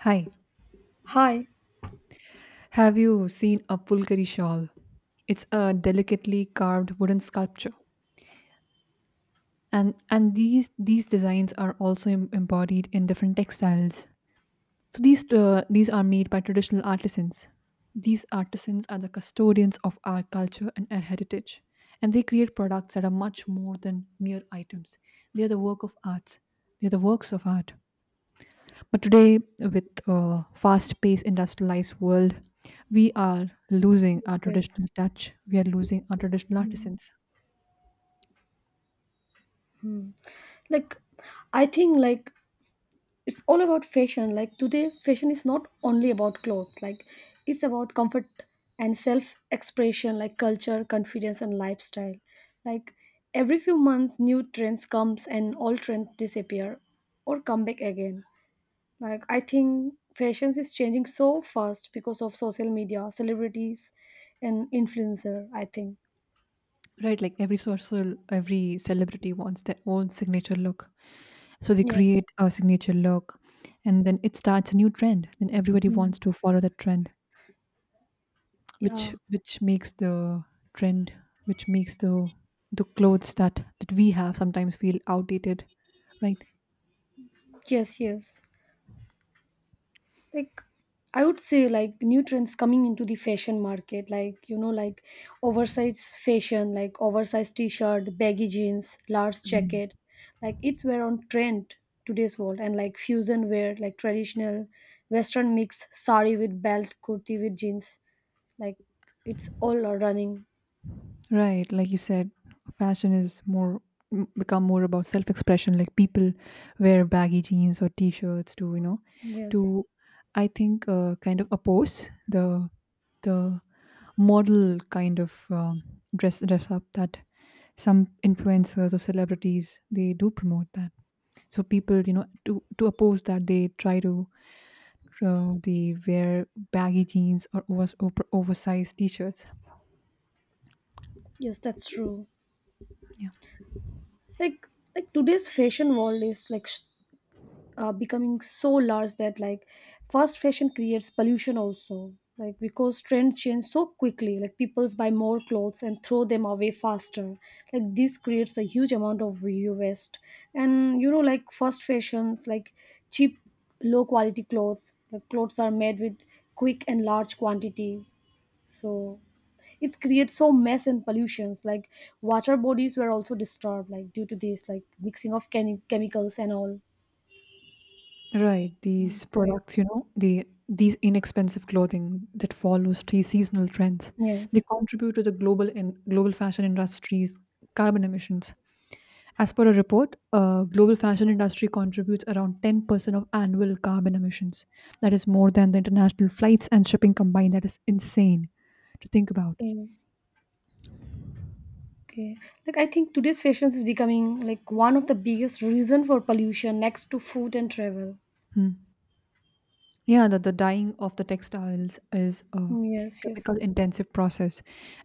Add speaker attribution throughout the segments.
Speaker 1: Hi,
Speaker 2: Hi.
Speaker 1: have you seen a pulkari shawl? It's a delicately carved wooden sculpture, and these designs are also embodied in different textiles. So these are made by traditional artisans. These artisans are the custodians of our culture and our heritage, and they create products that are much more than mere items. They are the work of arts. They are the works of art. But today, with a fast-paced industrialized world, we are losing our
Speaker 2: Yes, yes.
Speaker 1: traditional touch. We are losing our traditional artisans.
Speaker 2: Mhm. Like, I think like it's all about fashion. Like today, fashion is not only about clothes. Like, it's about comfort and self-expression, like culture, confidence, and lifestyle. Like every few months, new trends comes and all trends disappear or come back again. Like I think fashion is changing so fast because of social media, celebrities, and influencer. I think
Speaker 1: Right, like every celebrity wants their own signature look. So they
Speaker 2: yes.
Speaker 1: create a signature look, and then it starts a new trend. Then everybody
Speaker 2: Mm.
Speaker 1: wants to follow that trend,
Speaker 2: Yeah.
Speaker 1: which makes the trend, which makes the clothes that we have sometimes feel outdated, right?
Speaker 2: Yes, yes. Like I would say like new trends coming into the fashion market, like you know, like oversized fashion, like oversized t-shirt, baggy jeans, large jackets, like it's wear on trend today's world and like fusion wear, like traditional western mix sari with belt, kurti with jeans, like it's all are running.
Speaker 1: Right, like you said, fashion is become more about self-expression. Like people wear baggy jeans or t-shirts to
Speaker 2: Yes.
Speaker 1: to I think kind of oppose the model kind of dress up that some influencers or celebrities they do promote that. So people to oppose that they try to they wear baggy jeans or oversized t-shirts.
Speaker 2: Yes, that's true.
Speaker 1: Yeah.
Speaker 2: Like like today's fashion world is like becoming so large that like fast fashion creates pollution also like because trends change so quickly like people buy more clothes and throw them away faster like this creates a huge amount of u waste and you know like fast fashions like cheap low quality clothes like clothes are made with quick and large quantity so it creates so mess and pollutions like water bodies were also disturbed like due to this like mixing of chemicals and all.
Speaker 1: Right,
Speaker 2: Mm,
Speaker 1: these
Speaker 2: right.
Speaker 1: products, you know, these inexpensive clothing that follows seasonal trends, they
Speaker 2: Yes.
Speaker 1: contribute to the global fashion industry's carbon emissions. As per a report, global fashion industry contributes around 10% of annual carbon emissions. That is more than the international flights and shipping combined. That is insane to think about.
Speaker 2: Yeah. Okay. Like I think today's fashion is becoming like one of the biggest reason for pollution next to food and travel.
Speaker 1: Hmm. Yeah, the dyeing of the textiles is a
Speaker 2: Mm, yes,
Speaker 1: chemical
Speaker 2: yes.
Speaker 1: intensive process,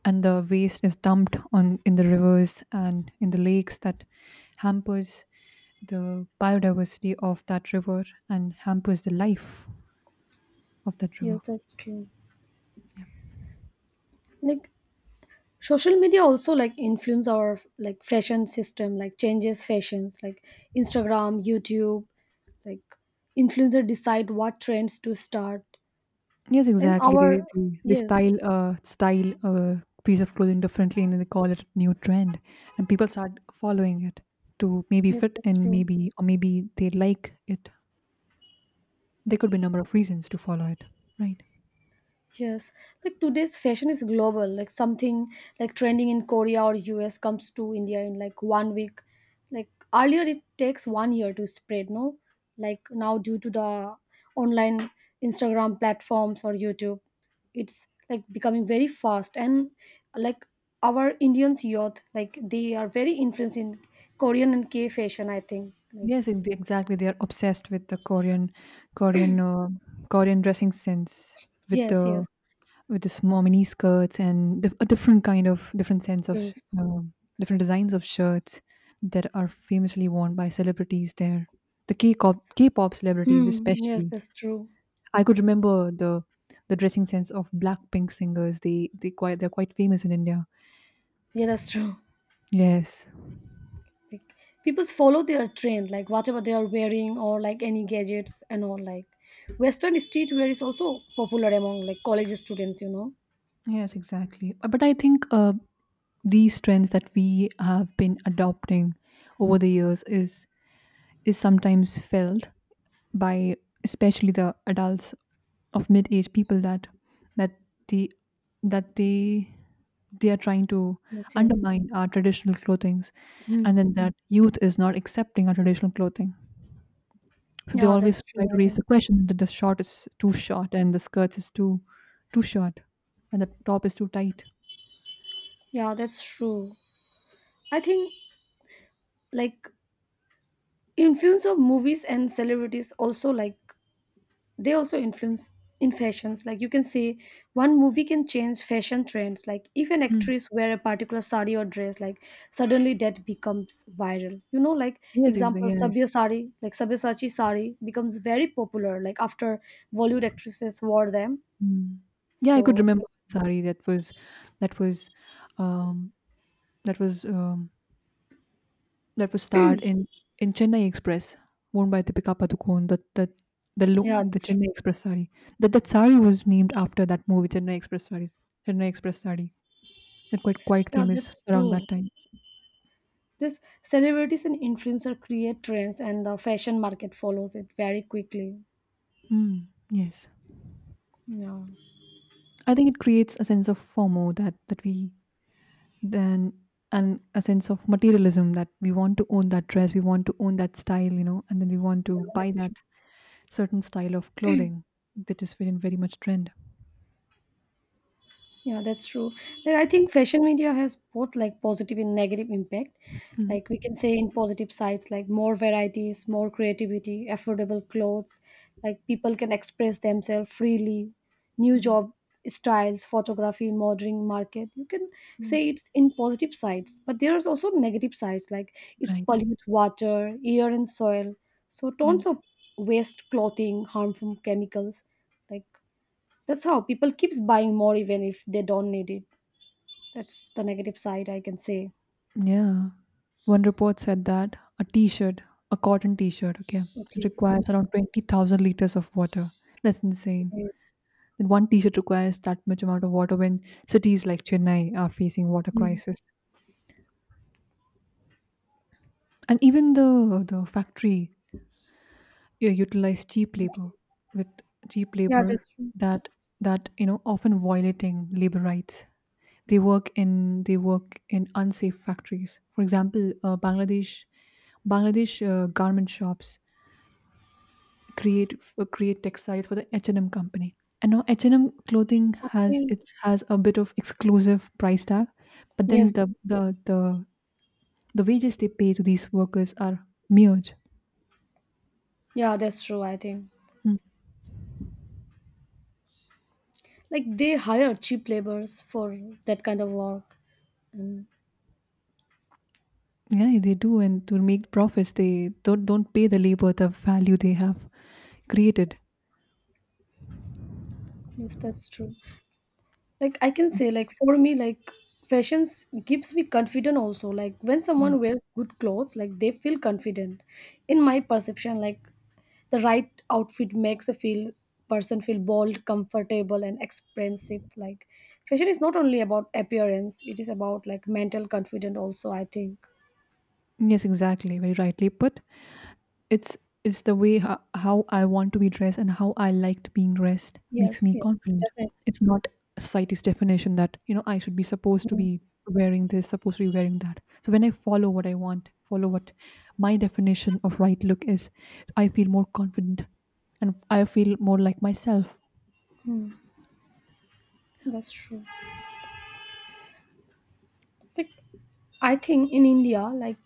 Speaker 1: and the waste is dumped on in the rivers and in the lakes that hampers the biodiversity of that river and hampers the life of that river.
Speaker 2: Yes, that's true. Like social media also like influence our like fashion system, like changes fashions, like Instagram, YouTube, like influencer decide what trends to start.
Speaker 1: Yes,
Speaker 2: And
Speaker 1: exactly.
Speaker 2: our
Speaker 1: They
Speaker 2: yes,
Speaker 1: style a piece of clothing differently, and then they call it new trend, and people start following it to maybe
Speaker 2: yes,
Speaker 1: fit
Speaker 2: that's
Speaker 1: in,
Speaker 2: true.
Speaker 1: maybe they like it. There could be a number of reasons to follow it, right?
Speaker 2: Yes, like today's fashion is global. Like something like trending in Korea or US comes to India in like 1 week. Like earlier, it takes 1 year to spread. No, like now due to the online Instagram platforms or YouTube, it's like becoming very fast. And like our Indians youth, like they are very influenced in Korean and K fashion. I think. Like
Speaker 1: Yes, exactly. They are obsessed with the Korean, uh, Korean dressing sense with
Speaker 2: yes,
Speaker 1: the
Speaker 2: yes,
Speaker 1: with the small mini skirts and dif- a different kind of different sense of
Speaker 2: yes.
Speaker 1: different designs of shirts that are famously worn by celebrities there. The K-pop celebrities,
Speaker 2: Hmm. Yes,
Speaker 1: especially.
Speaker 2: that's true.
Speaker 1: I could remember the dressing sense of Blackpink singers. They quite they're quite famous in India.
Speaker 2: Yeah, that's true.
Speaker 1: Yes.
Speaker 2: Like people follow their trend like whatever they are wearing or like any gadgets and all like western streetwear is also popular among like college students, you know.
Speaker 1: Yes, exactly. But I think these trends that we have been adopting over the years is sometimes felt by especially the adults of mid-age people that that the that they are trying to
Speaker 2: Yes, yes.
Speaker 1: undermine our traditional clothings,
Speaker 2: Hmm.
Speaker 1: and then that youth is not accepting our traditional clothing, so they
Speaker 2: Yeah,
Speaker 1: always
Speaker 2: that's
Speaker 1: try
Speaker 2: true,
Speaker 1: to
Speaker 2: I
Speaker 1: raise
Speaker 2: think.
Speaker 1: the question that the short is too short and the skirts is too short and the top is too tight.
Speaker 2: Yeah, that's true, I think like influence of movies and celebrities also like they also influence in fashions like you can say one movie can change fashion trends like if an
Speaker 1: Mm.
Speaker 2: actress wear a particular sari or dress like suddenly that becomes viral, you know, like
Speaker 1: Yes,
Speaker 2: example
Speaker 1: exactly. Yes.
Speaker 2: sabya sari like sabyasachi sari becomes very popular like after bollywood actresses wore them
Speaker 1: Mm. Yeah, I could
Speaker 2: so
Speaker 1: remember one Sari that was that was, um, that was, um, that was starred in Chennai Express, worn by Deepika Padukone. That that the lo
Speaker 2: yeah,
Speaker 1: the
Speaker 2: that's true.
Speaker 1: Chennai Express sari. That sari was named after that movie, Chennai Express sari. That quite
Speaker 2: Yeah,
Speaker 1: famous
Speaker 2: that's
Speaker 1: around
Speaker 2: true,
Speaker 1: that time.
Speaker 2: this celebrities and influencer create trends and the fashion market follows it very quickly.
Speaker 1: Mm, yes.
Speaker 2: Yeah,
Speaker 1: I think it creates a sense of FOMO that we then and a sense of materialism that we want to own that dress, we want to own that style, you know, and then we want
Speaker 2: yeah,
Speaker 1: to buy
Speaker 2: that's
Speaker 1: that
Speaker 2: true.
Speaker 1: certain style of clothing that is very much trend.
Speaker 2: Yeah, that's true. Like, I think fashion media has both like positive and negative impact.
Speaker 1: Mm,
Speaker 2: Like we can say in positive sides, like more varieties, more creativity, affordable clothes, like people can express themselves freely, new
Speaker 1: mm,
Speaker 2: job styles, photography, modeling market. You can say
Speaker 1: mm.
Speaker 2: it's in positive sides, but there's also negative sides, like it's
Speaker 1: Right.
Speaker 2: pollute water, air and soil. So
Speaker 1: Mm.
Speaker 2: tons of waste clothing, harmful chemicals, like that's how people keeps buying more even if they don't need it. That's the negative side I can say.
Speaker 1: Yeah. One report said that a t-shirt, a cotton t-shirt, okay, it
Speaker 2: Okay.
Speaker 1: requires around 20,000 liters of water. That's insane.
Speaker 2: Okay.
Speaker 1: That one t-shirt requires that much amount of water when cities like Chennai are facing water
Speaker 2: Mm.
Speaker 1: crisis. And even the factory utilize cheap labor
Speaker 2: Okay.
Speaker 1: with cheap
Speaker 2: Yeah,
Speaker 1: labor
Speaker 2: that's true.
Speaker 1: that that you know often violating labor rights. They work in unsafe factories. For example, Bangladesh garment shops create create textiles for the H&M company. And now H&M clothing has
Speaker 2: Okay.
Speaker 1: it has a bit of exclusive price tag, but then
Speaker 2: Yes.
Speaker 1: the wages they pay to these workers are huge.
Speaker 2: Yeah, that's true, I think.
Speaker 1: Mm.
Speaker 2: Like they hire cheap laborers for that kind of work. And
Speaker 1: Yeah, they do, and to make profits, they don't pay the labor the value they have created.
Speaker 2: yes, that's true. Like I can say, like for me, like fashions gives me confidence also. Like when
Speaker 1: Mm.
Speaker 2: someone wears good clothes, like they feel confident. In my perception, like the right outfit makes a feel person feel bold comfortable and expressive like fashion is not only about appearance, it is about like mental confidence also, I think.
Speaker 1: Yes, exactly, very rightly put. It's it's the way ho how I want to be dressed and how I liked being dressed makes
Speaker 2: Yes,
Speaker 1: me
Speaker 2: yes,
Speaker 1: confident.
Speaker 2: definitely.
Speaker 1: It's not society's definition that, you know, I should be supposed to
Speaker 2: Mm,
Speaker 1: be wearing this, supposed to be wearing that. So when I follow what I want, follow what my definition of right look is, I feel more confident and I feel more like myself.
Speaker 2: that's true. Like I think in India like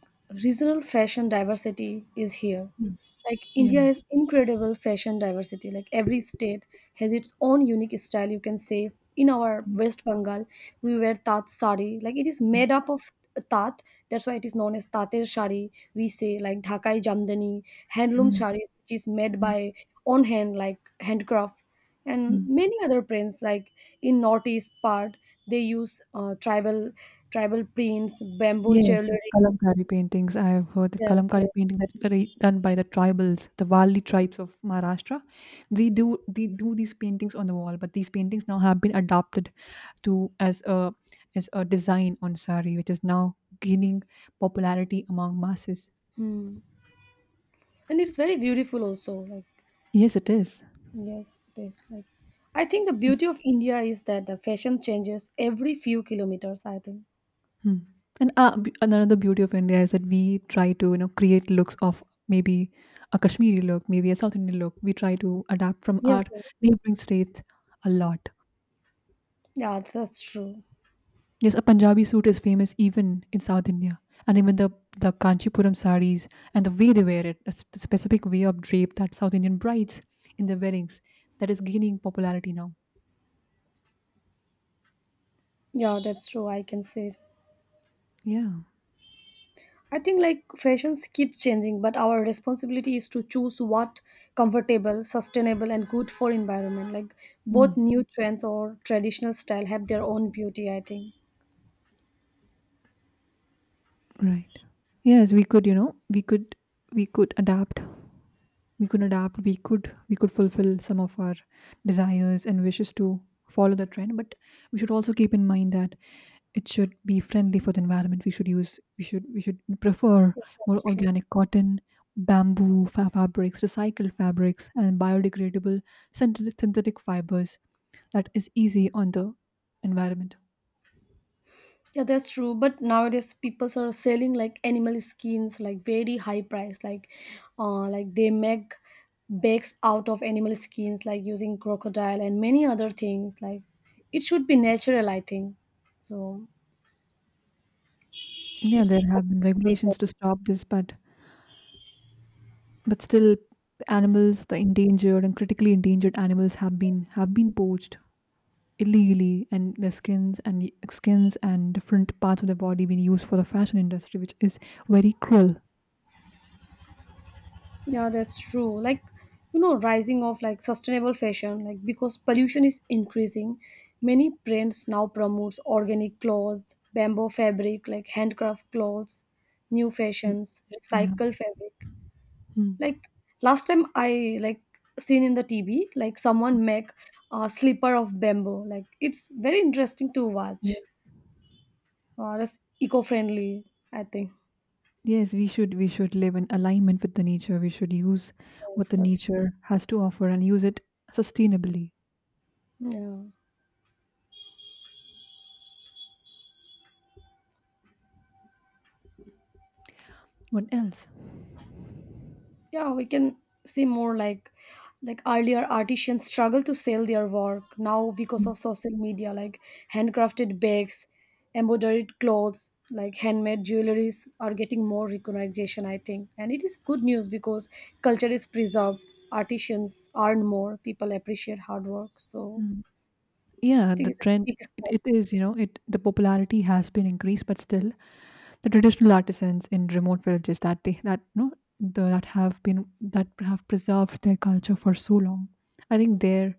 Speaker 2: regional fashion diversity is here.
Speaker 1: Mm.
Speaker 2: Like
Speaker 1: Yeah.
Speaker 2: India has incredible fashion diversity. Like every state has its own unique style. You can say in our
Speaker 1: Mm,
Speaker 2: West Bengal, we wear tat sari. Like it is
Speaker 1: mm,
Speaker 2: made up of tat. That's why it is known as tater sari. We say like Dhakai jamdani, handloom
Speaker 1: mm,
Speaker 2: saris, which is made
Speaker 1: mm,
Speaker 2: by on hand, like handcraft, and
Speaker 1: mm.
Speaker 2: many other prints. Like in northeast part, they use tribal prints, bamboo
Speaker 1: Yes, the
Speaker 2: jewelry.
Speaker 1: Kalamkari paintings. I have heard the
Speaker 2: Yes,
Speaker 1: Kalamkari
Speaker 2: yes.
Speaker 1: painting that are done by the tribals, the Valli tribes of Maharashtra. They do these paintings on the wall, but these paintings now have been adopted to as a design on sari, which is now gaining popularity among masses.
Speaker 2: Hmm. And it's very beautiful also, like
Speaker 1: Yes, it is.
Speaker 2: yes it is. Like I think the
Speaker 1: It-
Speaker 2: beauty of India is that the fashion changes every few kilometers, I think.
Speaker 1: hmm. And another beauty of India is that we try to, you know, create looks of maybe a Kashmiri look, maybe a South Indian look. We try to adapt from our
Speaker 2: Yes, yes.
Speaker 1: neighboring states a lot.
Speaker 2: Yeah, that's true.
Speaker 1: Yes, a Punjabi suit is famous even in South India, and even the Kanchipuram sarees, and the way they wear it, the specific way of drape that South Indian brides in their weddings, that is gaining popularity now.
Speaker 2: Yeah, that's true, I can say.
Speaker 1: Yeah.
Speaker 2: I think like fashions keep changing but our responsibility is to choose what comfortable sustainable and good for environment like both
Speaker 1: Mm,
Speaker 2: new trends or traditional style have their own beauty, I think.
Speaker 1: right. Yes, we could, you know, we could adapt. We could adapt. We could fulfill some of our desires and wishes to follow the trend. But we should also keep in mind that it should be friendly for the environment. We should use we should prefer
Speaker 2: Yes,
Speaker 1: more
Speaker 2: that's true.
Speaker 1: organic cotton, fabrics, recycled fabrics, and biodegradable synthetic fibers that is easy on the environment.
Speaker 2: Yeah, that's true. But nowadays, people are selling like animal skins, like very high price. Like they make bags out of animal skins, like using crocodile and many other things. Like, it should be natural, I think. So
Speaker 1: Yeah, there
Speaker 2: it's
Speaker 1: have been
Speaker 2: a concern.
Speaker 1: regulations to stop this, but still, the animals, the endangered and critically endangered animals have been poached illegally, and their skins and skins and different parts of their body being used for the fashion industry, which is very cruel.
Speaker 2: Yeah, that's true. Like, you know, rising of like sustainable fashion, like because pollution is increasing, many brands now promotes organic clothes, bamboo fabric, like handcraft clothes, new
Speaker 1: Mm.
Speaker 2: fashions,
Speaker 1: Yeah.
Speaker 2: recycle fabric.
Speaker 1: Hmm.
Speaker 2: Like last time I like seen in the TV, like someone make a slipper of bamboo. Like it's very interesting to watch.
Speaker 1: Ye-
Speaker 2: That's eco-friendly, I think.
Speaker 1: Yes, we should live in alignment with the nature. We should use what
Speaker 2: Yes,
Speaker 1: the
Speaker 2: that's true.
Speaker 1: nature has to offer and use it sustainably.
Speaker 2: Yeah.
Speaker 1: What else?
Speaker 2: Yeah we can see more like earlier artisans struggle to sell their work now because
Speaker 1: Mm,
Speaker 2: of social media like handcrafted bags embroidered clothes like handmade jewelries are getting more recognition, I think, and it is good news because culture is preserved, artisans earn more, people appreciate hard work, so
Speaker 1: mm.
Speaker 2: I
Speaker 1: Yeah, the
Speaker 2: think it's a
Speaker 1: trend
Speaker 2: big step.
Speaker 1: it is, you know, it the popularity has been increased, but still the traditional artisans in remote villages that they that no that have been that have preserved their culture for so long. I think their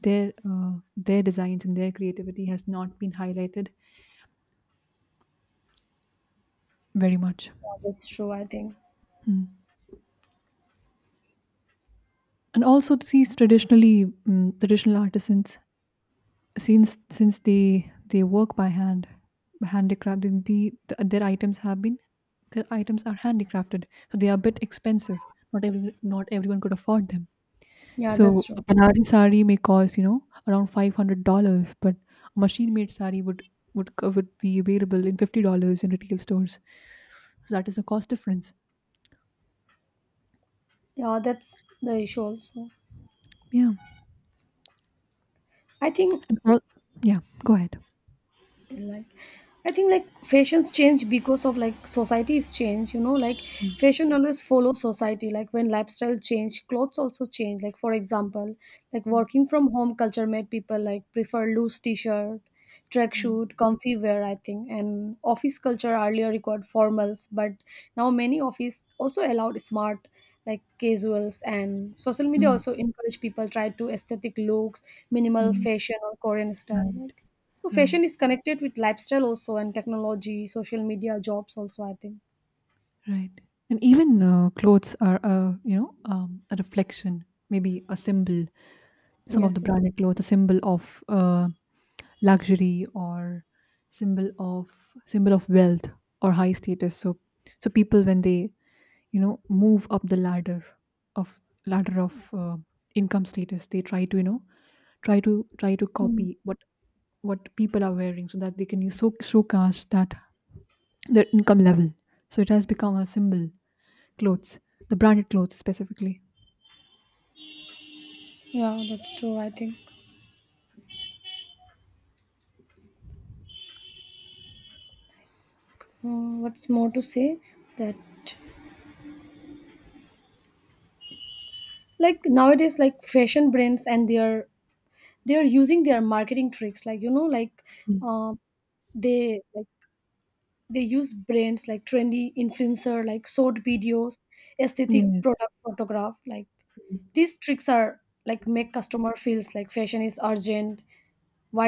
Speaker 1: their uh, their designs and their creativity has not been highlighted very much.
Speaker 2: Yeah, that's true, I think.
Speaker 1: Hmm. And also these traditional artisans, since they work by hand handicraft, then the, their items have been their items are handicrafted, so they are a bit expensive. Not everyone could afford them.
Speaker 2: Yeah,
Speaker 1: So
Speaker 2: that's
Speaker 1: a
Speaker 2: true.
Speaker 1: banarsi sari may cost, you know, around $500, but a machine made sari would would be available in $50 in retail stores. So that is a cost difference.
Speaker 2: Yeah, that's the issue also,
Speaker 1: Yeah,
Speaker 2: I think.
Speaker 1: and all, yeah, go ahead.
Speaker 2: Like I think like fashions change because of like society's change, you know, like
Speaker 1: Mm,
Speaker 2: fashion always follows society like when lifestyle change clothes also change like for example like
Speaker 1: mm,
Speaker 2: working from home culture made people like prefer loose t-shirt tracksuit comfy wear, I think, and office culture earlier required formals but now many office also allowed smart like casuals and social media
Speaker 1: mm,
Speaker 2: also encourage people try to aesthetic looks
Speaker 1: mm,
Speaker 2: minimal
Speaker 1: mm.
Speaker 2: fashion or korean style
Speaker 1: Right,
Speaker 2: like so
Speaker 1: right.
Speaker 2: fashion is connected with lifestyle also and technology, social media, jobs also. I think.
Speaker 1: Right. And even clothes are a, you know, a reflection, maybe a symbol, some of the
Speaker 2: Yes, yes.
Speaker 1: branded clothes, a symbol of luxury or symbol of symbol of wealth or high status. So people when they, you know, move up the ladder of ladder of uh, income status, they try to, you know, try to
Speaker 2: Mm.
Speaker 1: copy what people are wearing so that they can use so showcase that their income level. So it has become a symbol. Clothes, the branded clothes specifically.
Speaker 2: Yeah, that's true. I think. Mm, what's more to say that like nowadays, like fashion brands and their they are using their marketing tricks. Like you know, like
Speaker 1: Mm.
Speaker 2: uh, they like they use brands like trendy influencer, like short videos, aesthetic
Speaker 1: Yes.
Speaker 2: product photograph, like these tricks are like make customer feels like fashion is urgent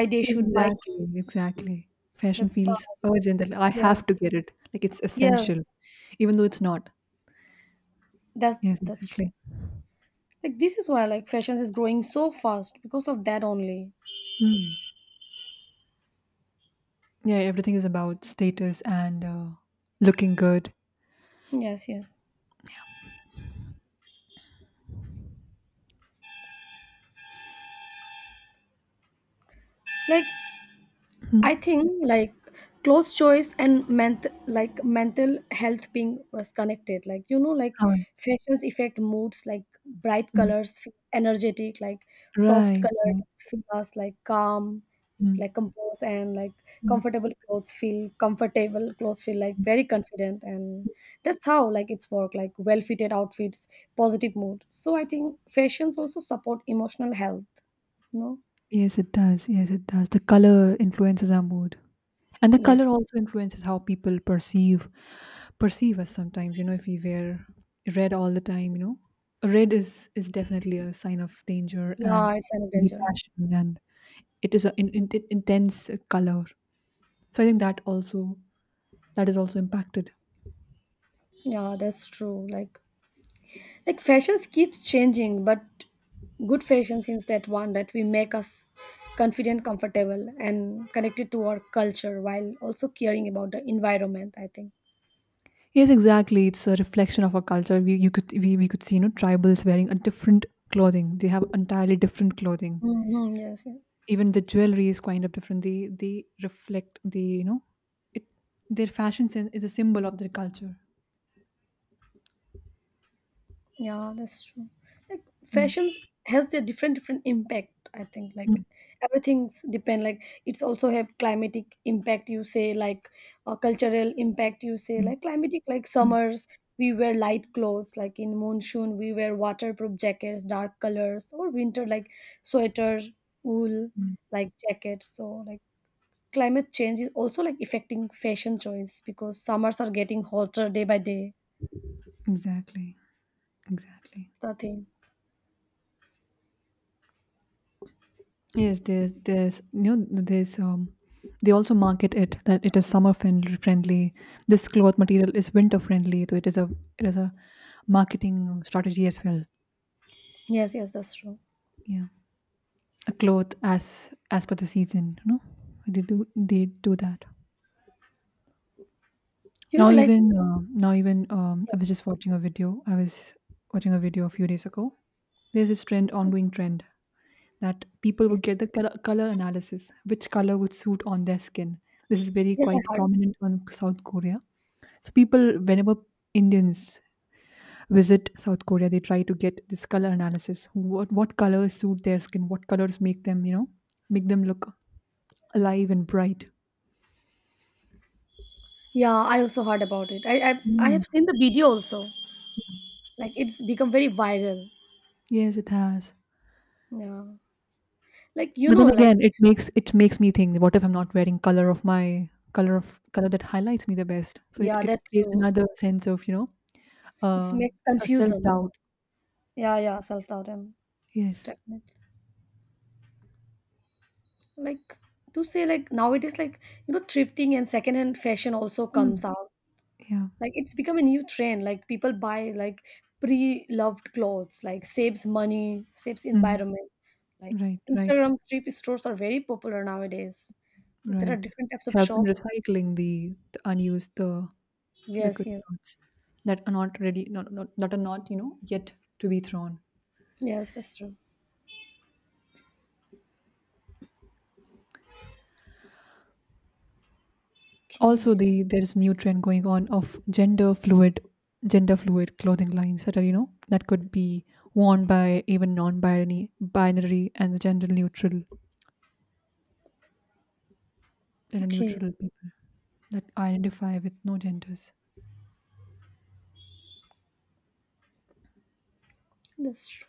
Speaker 1: Yes,
Speaker 2: they should buy.
Speaker 1: exactly, exactly. Fashion
Speaker 2: That's
Speaker 1: feels
Speaker 2: Stalinism.
Speaker 1: urgent that I have to
Speaker 2: Yes.
Speaker 1: get it. Like it's essential,
Speaker 2: Yes.
Speaker 1: even though it's not.
Speaker 2: That's
Speaker 1: Yes,
Speaker 2: that's true.
Speaker 1: exactly.
Speaker 2: Like this is why like fashion is growing so fast because of that only.
Speaker 1: Mm. Yeah, everything is about status and looking good.
Speaker 2: Yes, yes. Like
Speaker 1: Mm.
Speaker 2: I think like clothes choice and like mental health being was connected. Like you know, like
Speaker 1: How it-
Speaker 2: fashions affect moods. Like bright
Speaker 1: mm.
Speaker 2: colors, feel energetic. Like soft
Speaker 1: Right,
Speaker 2: colors
Speaker 1: right.
Speaker 2: feel us like calm,
Speaker 1: Mm.
Speaker 2: like composed, and like
Speaker 1: Mm,
Speaker 2: comfortable. Clothes feel like
Speaker 1: mm.
Speaker 2: very confident, and that's how like it's work. Like well fitted outfits, positive mood. So I think fashions also support emotional health. No,
Speaker 1: Yes, it does. Yes, it does. The color influences our mood. And the color
Speaker 2: yes,
Speaker 1: also influences how people perceive us sometimes. You know, if we wear red all the time, you know, red is definitely a sign of danger and
Speaker 2: yeah, it's an
Speaker 1: maybe
Speaker 2: danger.
Speaker 1: passion, and it is an intense color. So I think that also that is also impacted.
Speaker 2: Yeah, that's true. Like fashions keeps changing, but good fashion is that one that we make us confident, comfortable, and connected to our culture while also caring about the environment, I think.
Speaker 1: Yes, exactly, it's a reflection of our culture. We, you could we could see, you know, tribals wearing a different clothing. They have entirely different clothing.
Speaker 2: Hmm, yes, yes.
Speaker 1: Even the jewelry is kind of different. They reflect the, you know, it their fashion sense is a symbol of their culture.
Speaker 2: Yeah, that's true. Like
Speaker 1: Mm.
Speaker 2: fashions has their different different impact. I think like
Speaker 1: Mm,
Speaker 2: everything's depend. Like it's also have climatic impact. You say like cultural impact. You say
Speaker 1: mm,
Speaker 2: like climatic like
Speaker 1: mm,
Speaker 2: summers we wear light clothes. Like in monsoon we wear waterproof jackets, dark colors, or winter like sweaters, wool
Speaker 1: yeah.
Speaker 2: like jackets. So like climate change is also like affecting fashion choice because summers are getting hotter day by day.
Speaker 1: Exactly, exactly.
Speaker 2: The thing.
Speaker 1: Yes, there's you know, there's they also market it that it is summer friendly friendly. This cloth material is winter friendly, so it is a it is a marketing strategy as well.
Speaker 2: Yes, yes, that's true.
Speaker 1: Yeah, a cloth as per the season, you know, they do that.
Speaker 2: You know, like
Speaker 1: Now even I
Speaker 2: yes,
Speaker 1: was just
Speaker 2: yes,
Speaker 1: watching a video. I was watching a video a few days ago. There's this trend, ongoing trend that people would
Speaker 2: yes,
Speaker 1: get the color analysis, which color would suit on their skin. This is very
Speaker 2: yes.
Speaker 1: quite
Speaker 2: I heard.
Speaker 1: prominent on South Korea. So people, whenever Indians visit South Korea, they try to get this color analysis. What colors suit their skin? What colors make them, you know, make them look alive and bright?
Speaker 2: Yeah, I also heard about it. I
Speaker 1: Mm.
Speaker 2: have seen the video also. Like it's become very viral.
Speaker 1: Yes, it has.
Speaker 2: Yeah, like you
Speaker 1: But
Speaker 2: know,
Speaker 1: then
Speaker 2: like
Speaker 1: again, it makes me think, what if I'm not wearing color of color that highlights me the best? So
Speaker 2: yeah,
Speaker 1: it
Speaker 2: that's
Speaker 1: creates
Speaker 2: true.
Speaker 1: another sense of, you know,
Speaker 2: It
Speaker 1: uh,
Speaker 2: makes
Speaker 1: a
Speaker 2: confusion.
Speaker 1: self-doubt.
Speaker 2: Yeah, yeah, self doubt and
Speaker 1: Yes.
Speaker 2: stagnant. Like to say, like nowadays, like you know, thrifting and secondhand fashion also
Speaker 1: Mm.
Speaker 2: comes out.
Speaker 1: Yeah.
Speaker 2: Like it's become a new trend like people buy like pre-loved clothes like saves money saves
Speaker 1: Mm.
Speaker 2: environment like
Speaker 1: Right, right,
Speaker 2: instagram thrift stores are very popular nowadays, there are
Speaker 1: right.
Speaker 2: different types
Speaker 1: It
Speaker 2: of
Speaker 1: helps in
Speaker 2: shops.
Speaker 1: recycling the unused, the
Speaker 2: Yes,
Speaker 1: good
Speaker 2: yes.
Speaker 1: clothes that are not ready, not that are not, you know, yet to be thrown.
Speaker 2: Yes, that's true.
Speaker 1: Also
Speaker 2: Okay.
Speaker 1: there's new trend going on of gender fluid clothing lines that are, you know, that could be worn by even non-binary binary and gender
Speaker 2: Okay,
Speaker 1: neutral people that identify with no genders.
Speaker 2: that's true.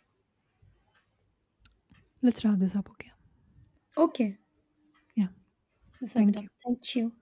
Speaker 1: Let's wrap this up. Okay.
Speaker 2: Okay,
Speaker 1: Yeah.
Speaker 2: let's wrap it
Speaker 1: Thank
Speaker 2: up.
Speaker 1: you.
Speaker 2: Thank you.